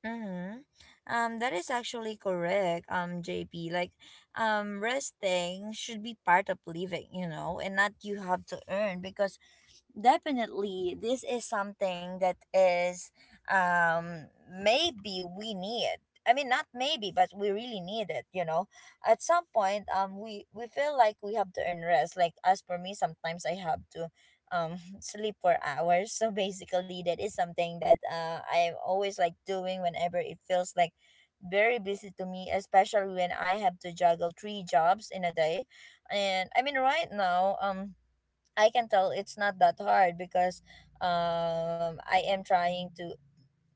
Mm-hmm. That is actually correct, JP. Like, resting should be part of living, you know, and not you have to earn, because definitely this is something that is maybe we need, I mean not maybe, but we really need it, you know. At some point, we feel like we have to earn rest. Like as for me, sometimes I have to sleep for hours. So basically that is something that I am always like doing whenever it feels like very busy to me, especially when I have to juggle 3 jobs in a day. And I mean, right now, I can tell it's not that hard because I am trying to,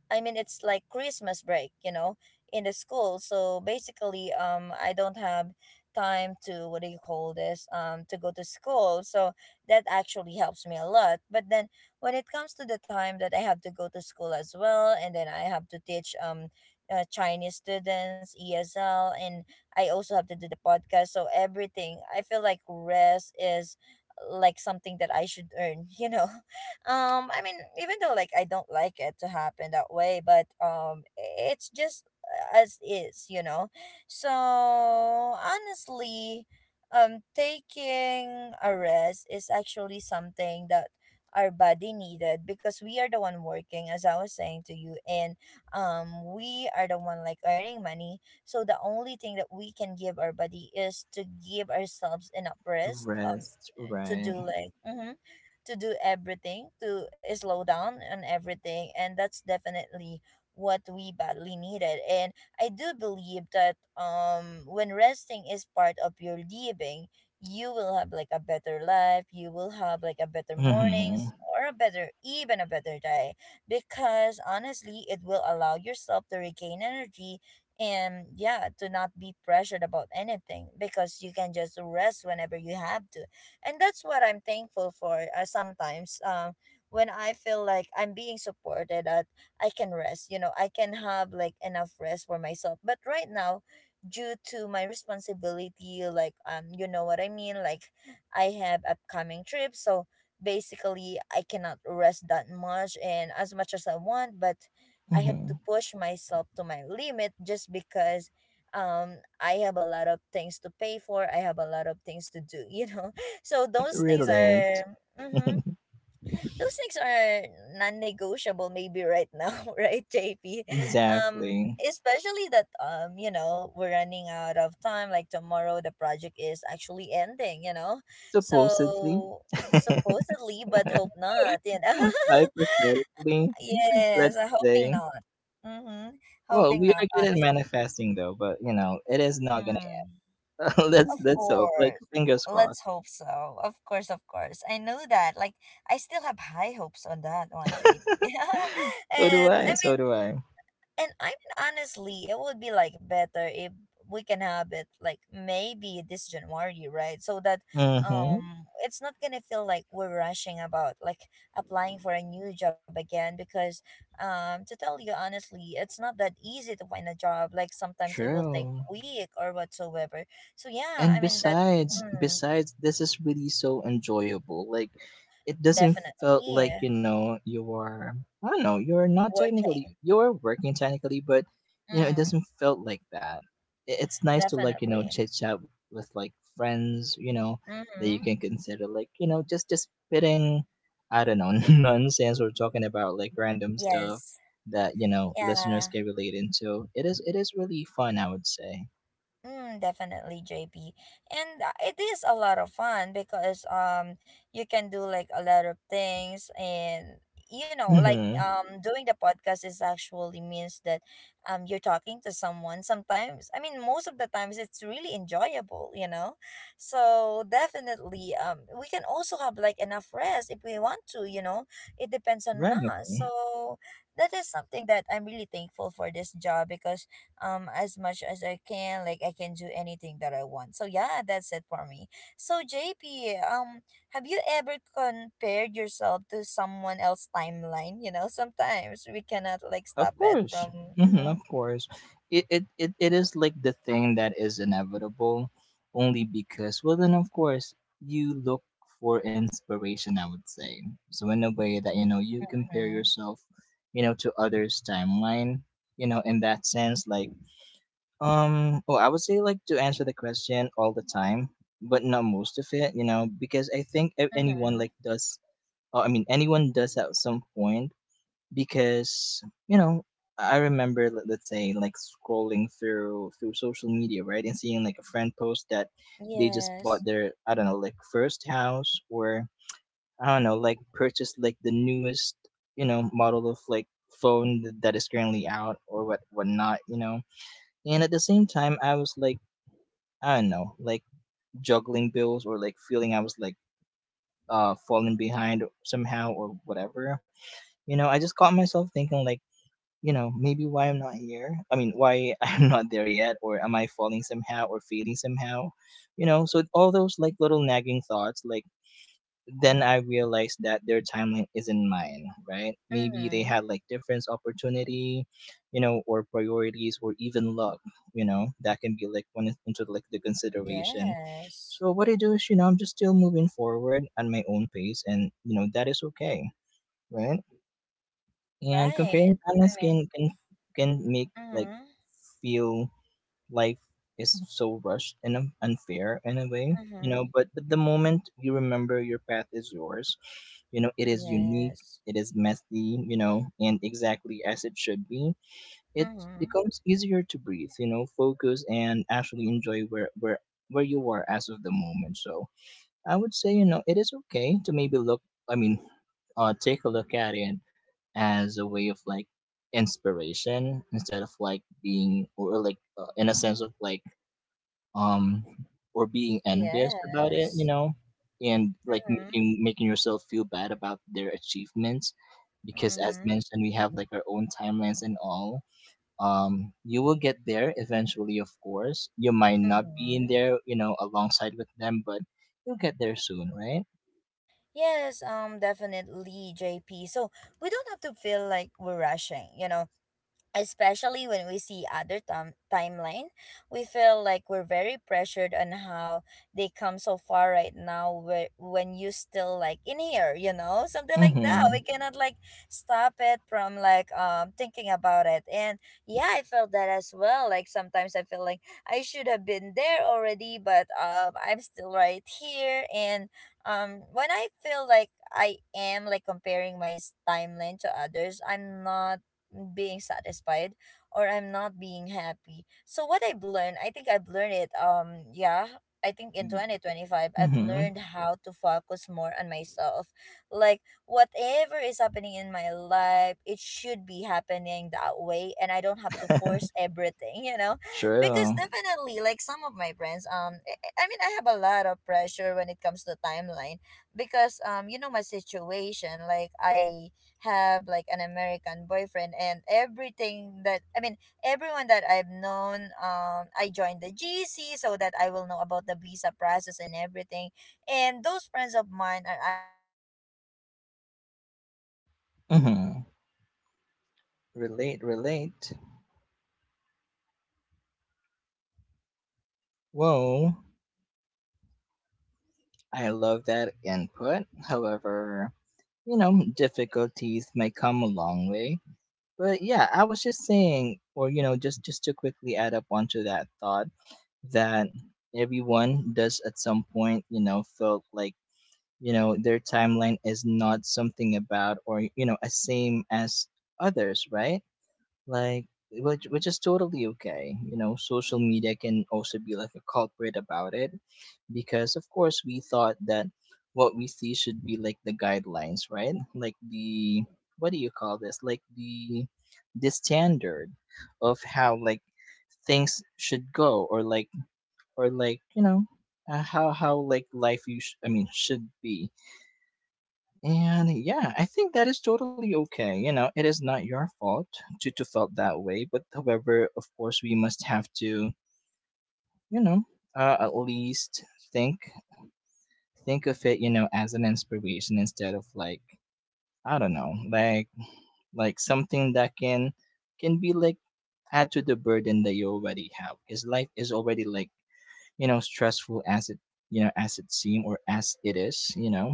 I mean, it's like Christmas break, you know, in the school. So basically, I don't have time to, what do you call this? To go to school. So that actually helps me a lot. But then when it comes to the time that I have to go to school as well, and then I have to teach Chinese students ESL, and I also have to do the podcast. So everything, I feel like rest is like something that I should earn, um i mean even though like I don't like it to happen that way, but it's just as is. So honestly, taking a rest is actually something that our body needed, because we are the one working, as I was saying to you. And we are the one like earning money. So the only thing that we can give our body is to give ourselves enough rest. Rest, to right. do like mhm to do everything, to slow down on everything. And that's definitely what we badly needed. And I do believe that when resting is part of your living, you will have like a better life, you will have like a better Mm-hmm. mornings or a better, even a better day. Because honestly, it will allow yourself to regain energy and yeah, to not be pressured about anything, because you can just rest whenever you have to. And that's what I'm thankful for, sometimes, when I feel like I'm being supported, that I can rest, you know, I can have like enough rest for myself. But right now, due to my responsibility, like, you know what I mean, like, I have upcoming trips. So basically I cannot rest that much and as much as I want, but I have Mm-hmm. to push myself to my limit just because I have a lot of things to pay for, I have a lot of things to do. You know, so those things Relate. are mm-hmm, those things are non-negotiable maybe right now, right, JP? Um, Exactly. especially that you know, we're running out of time. Like tomorrow the project is actually ending, you know? Supposedly. So supposedly, but hope not, you know. Hypothetically, let's Yes, I'm hoping say. not. Mm-hmm. Well, Hoping we not, are good at honestly. manifesting though, but you know, it is not Mm. gonna. let's, Of hope. Like course. fingers Let's crossed. hope so. Of course, of course. I know that. Like, I still have high hopes on that one, JP. So do and I I. mean, So do I. and I mean, honestly, it would be like better if we can have it like maybe this January, right? So that Mm-hmm. It's not gonna feel like we're rushing about like applying for a new job again, because to tell you honestly, it's not that easy to find a job. Like sometimes it will take True. week or whatsoever. So yeah, I And mean that mm, besides, this is really so enjoyable. Like, it doesn't felt definitely like, you know, you are. I don't know. You're not technically. working. You're working technically, but you know it Mm, doesn't felt like that. I- it's nice to like, you know, definitely. chit chat with like friends. You know that you Mm-hmm. can consider like, you know, just spitting, I don't know, nonsense or talking about like random stuff Yes. that, you know, Yeah. listeners can relate into. It is really fun, I would say. Mm, definitely, JP. And it is a lot of fun because you can do like a lot of things, and you know like Hmm. Doing the podcast is actually means that you're talking to someone sometimes, I mean most of the times, it's really enjoyable, you know. So definitely we can also have like enough rest if we want to, you know, it depends on Right. us. So that is something that I'm really thankful for this job, because as much as I can. Like I can do anything that I want. So yeah, that's it for me. So JP, have you ever compared yourself to someone else's timeline? You know, sometimes we cannot like Of stop it course. from. Hmm. Mm-hmm, Of course. It is like the thing that is inevitable only because, well, then, of course, you look for inspiration, I would say. So in a way that, you know, you compare mm-hmm, yourself, you know, to others' timeline, you know, in that sense, like, well, I would say like to answer the question all the time, but not most of it, you know, because I think anyone mm-hmm. like does, I mean anyone does at some point, because, you know, I remember, let's say like scrolling through social media, right, and seeing like a friend post that they just Yes. bought their, I don't know, like first house, or I don't know, like purchased like the newest, you know, model of like phone that is currently out or what whatnot, you know. And at the same time I was like, I don't know, like juggling bills or like feeling, I was like, falling behind somehow or whatever, you know. I just caught myself thinking like, you know, maybe why I'm not here. I mean, why I'm not there yet, or am I falling somehow, or fading somehow, you know? So all those like little nagging thoughts, like then I realized that their timeline isn't mine, right? Maybe they Mm-hmm. had like different opportunity, you know, or priorities, or even luck, you know, that can be like into like the consideration. Yes. So what I do is, you know, I'm just still moving forward at my own pace, and you know that is okay, right? And Right. comparing I timelines mean. Can make like Mm-hmm. feel life is so rushed and unfair in a way, you Mm-hmm. know. But, the moment you remember your path is yours, you know it is unique, Yes. it is messy, you know, and exactly as it should be. It Mm-hmm. becomes easier to breathe, you know, focus and actually enjoy where you are as of the moment. So I would say, you know, it is okay to maybe look, I mean, take a look at it as a way of like inspiration instead of like being, or like, in a sense of like, um, or being envious about it, you Yes. know, and like Mm-hmm. making, yourself feel bad about their achievements. Because as Mm-hmm. mentioned, we have like our own timelines and all. You will get there eventually, of course. You might not be in Mm-hmm. there, you know, alongside with them, but you'll get there soon, right? Yes, definitely, JP. So we don't have to feel like we're rushing. You know, especially when we see other timeline, we feel like we're very pressured on how they come so far right now, where, when you still like in here, you know, something like that Mhm. we cannot like stop it from like thinking about it. And yeah, I felt that as well, like sometimes I feel like I should have been there already, but I'm still right here. And when I feel like I am like comparing my timeline to others, I'm not being satisfied or I'm not being happy. So what I've learned, I think I've learned it yeah, I think in Mm. 2025 I've Mhm. learned how to focus more on myself. Like whatever is happening in my life, it should be happening that way, and I don't have to force everything, you know? Because True. definitely like some of my friends I mean I have a lot of pressure when it comes to timeline, because you know my situation, like I have like an American boyfriend and everything, that I mean everyone that I've known, I joined the GC so that I will know about the visa process and everything. And those friends of mine are actually like, you know, some of them, two of them are already in the Mhm. US, and some of them are like just Relate, waiting relate. for the interview itself. So definitely what I'm trying Whoa. to say here, JP, is I love that I'm input. trying not to rush However, everything, you you know, know, like I'm difficulties may trying come a long myself way. to tell myself But that yeah, I was I just I don't have to, saying, or right, you know, JP? just to Mm-hmm. quickly add up onto that Yes. thought Honestly, that that's the thing about it, everyone does at some point, you know, and felt yeah, like I could you know say, their timeline I is not really something wanna do about that or you know every as single same time, as like every others, single right? thing that I Like had, which is you totally know. okay, you So know, social media definitely, can also be like a I culprit don't have about to it, rush because everything, of course we thought that what we see right, should be like JP? the guidelines, right? Like the, what do you call this, like the standard of how, like, things should go, or like you know, how like life you should be. And yeah, I think that is totally okay. You know, it is not your fault to felt that way. But however, of course, we must have to, you know, at least think think of it, you know, as an inspiration instead of like, I don't know, like something that can be like add to the burden that you already have. Because life is already like, you know, stressful as it, you know, as it seem or as it is. You know,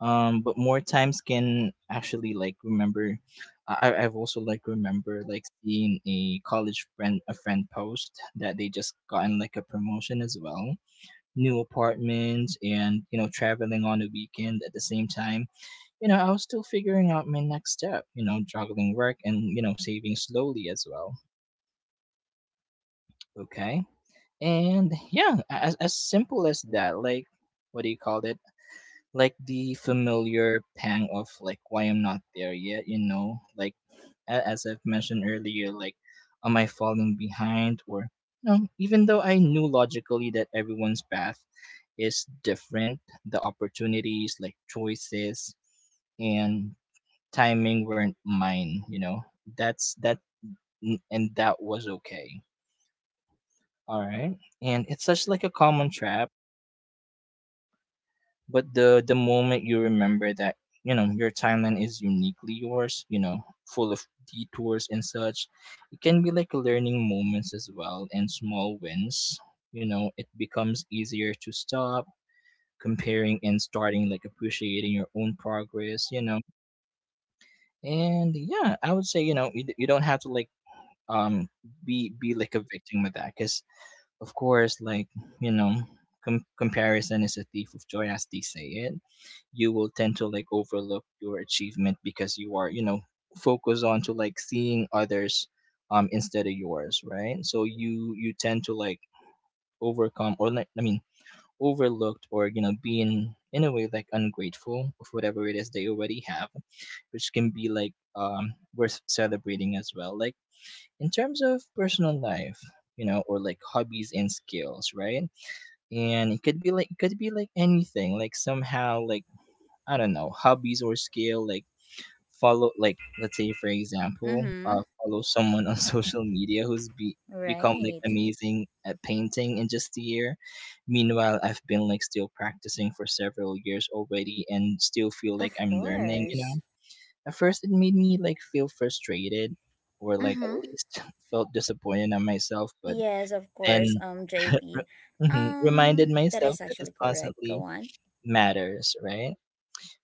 but more times can actually like remember, have also like remember like seeing a college friend, a friend post that they just gotten like a promotion as well, new apartment, and you know traveling on a weekend at the same time. You know, I was still figuring out my next step, you know, juggling work and, you know, saving slowly as well. Okay, and yeah, as simple as that, like, what do you call it, like the familiar pang of like why I'm not there yet, you know, like as I've mentioned earlier, like, am I falling behind or no? Even though I knew logically that everyone's path is different, the opportunities, like choices and timing weren't mine, you know. That's that, and that was okay. All right. And it's such like a common trap, but the moment you remember that, you know, your timeline is uniquely yours, you know, full of detours and such, it can be like learning moments as well and small wins, you know, it becomes easier to stop comparing and starting like appreciating your own progress. You know, and yeah, I would say, you know, you don't have to like, um be like a victim with that. Because of course, like, you know, comparison is a thief of joy, as they say it. You will tend to like overlook your achievement because you are, you know, focus on to like seeing others, instead of yours, right? So you tend to like overcome, or like I mean overlooked, or you know being in a way like ungrateful of whatever it is they already have, which can be like, worth celebrating as well, like in terms of personal life, you know, or like hobbies and skills, right? And it could be like anything, like Right. somehow like, I don't know, hobbies or skill, like follow, like let's say for example, Mm-hmm. Follow someone on social media who's be become like Right. amazing at painting in just a year, meanwhile I've been like still practicing for several years already and still feel like Of I'm learning, you know. course. At first it made me like feel frustrated, or like at Mm-hmm. least felt disappointed at myself, but Yes, of course. and JP. re mhm, reminded That myself is that it actually correct. Go constantly on. matters, right?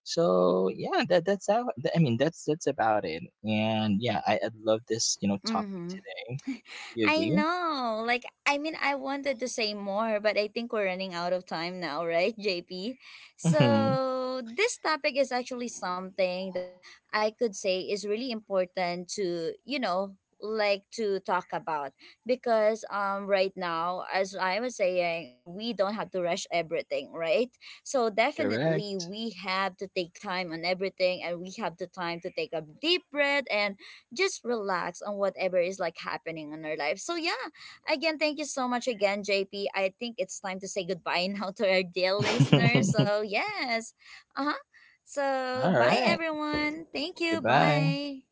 So yeah, that's about it. And yeah, I love this, you know, topic Mm-hmm. today. You I agree? know. Like, I mean, I wanted to say more, but I think we're running out of time now, right, JP? Hmm. So, this topic is actually something that I could say is really important to, you know, like to talk about, because right now as I was saying, we don't have to rush everything, right. So definitely Correct. we have to take time on everything, and we have the time to take a deep breath and just relax on whatever is like happening in our life. So yeah, again, thank you so much again, JP. I think it's time to say goodbye now to our dear listeners. So yes. Uh-huh. So All bye right. everyone. Thank you. Goodbye. Bye.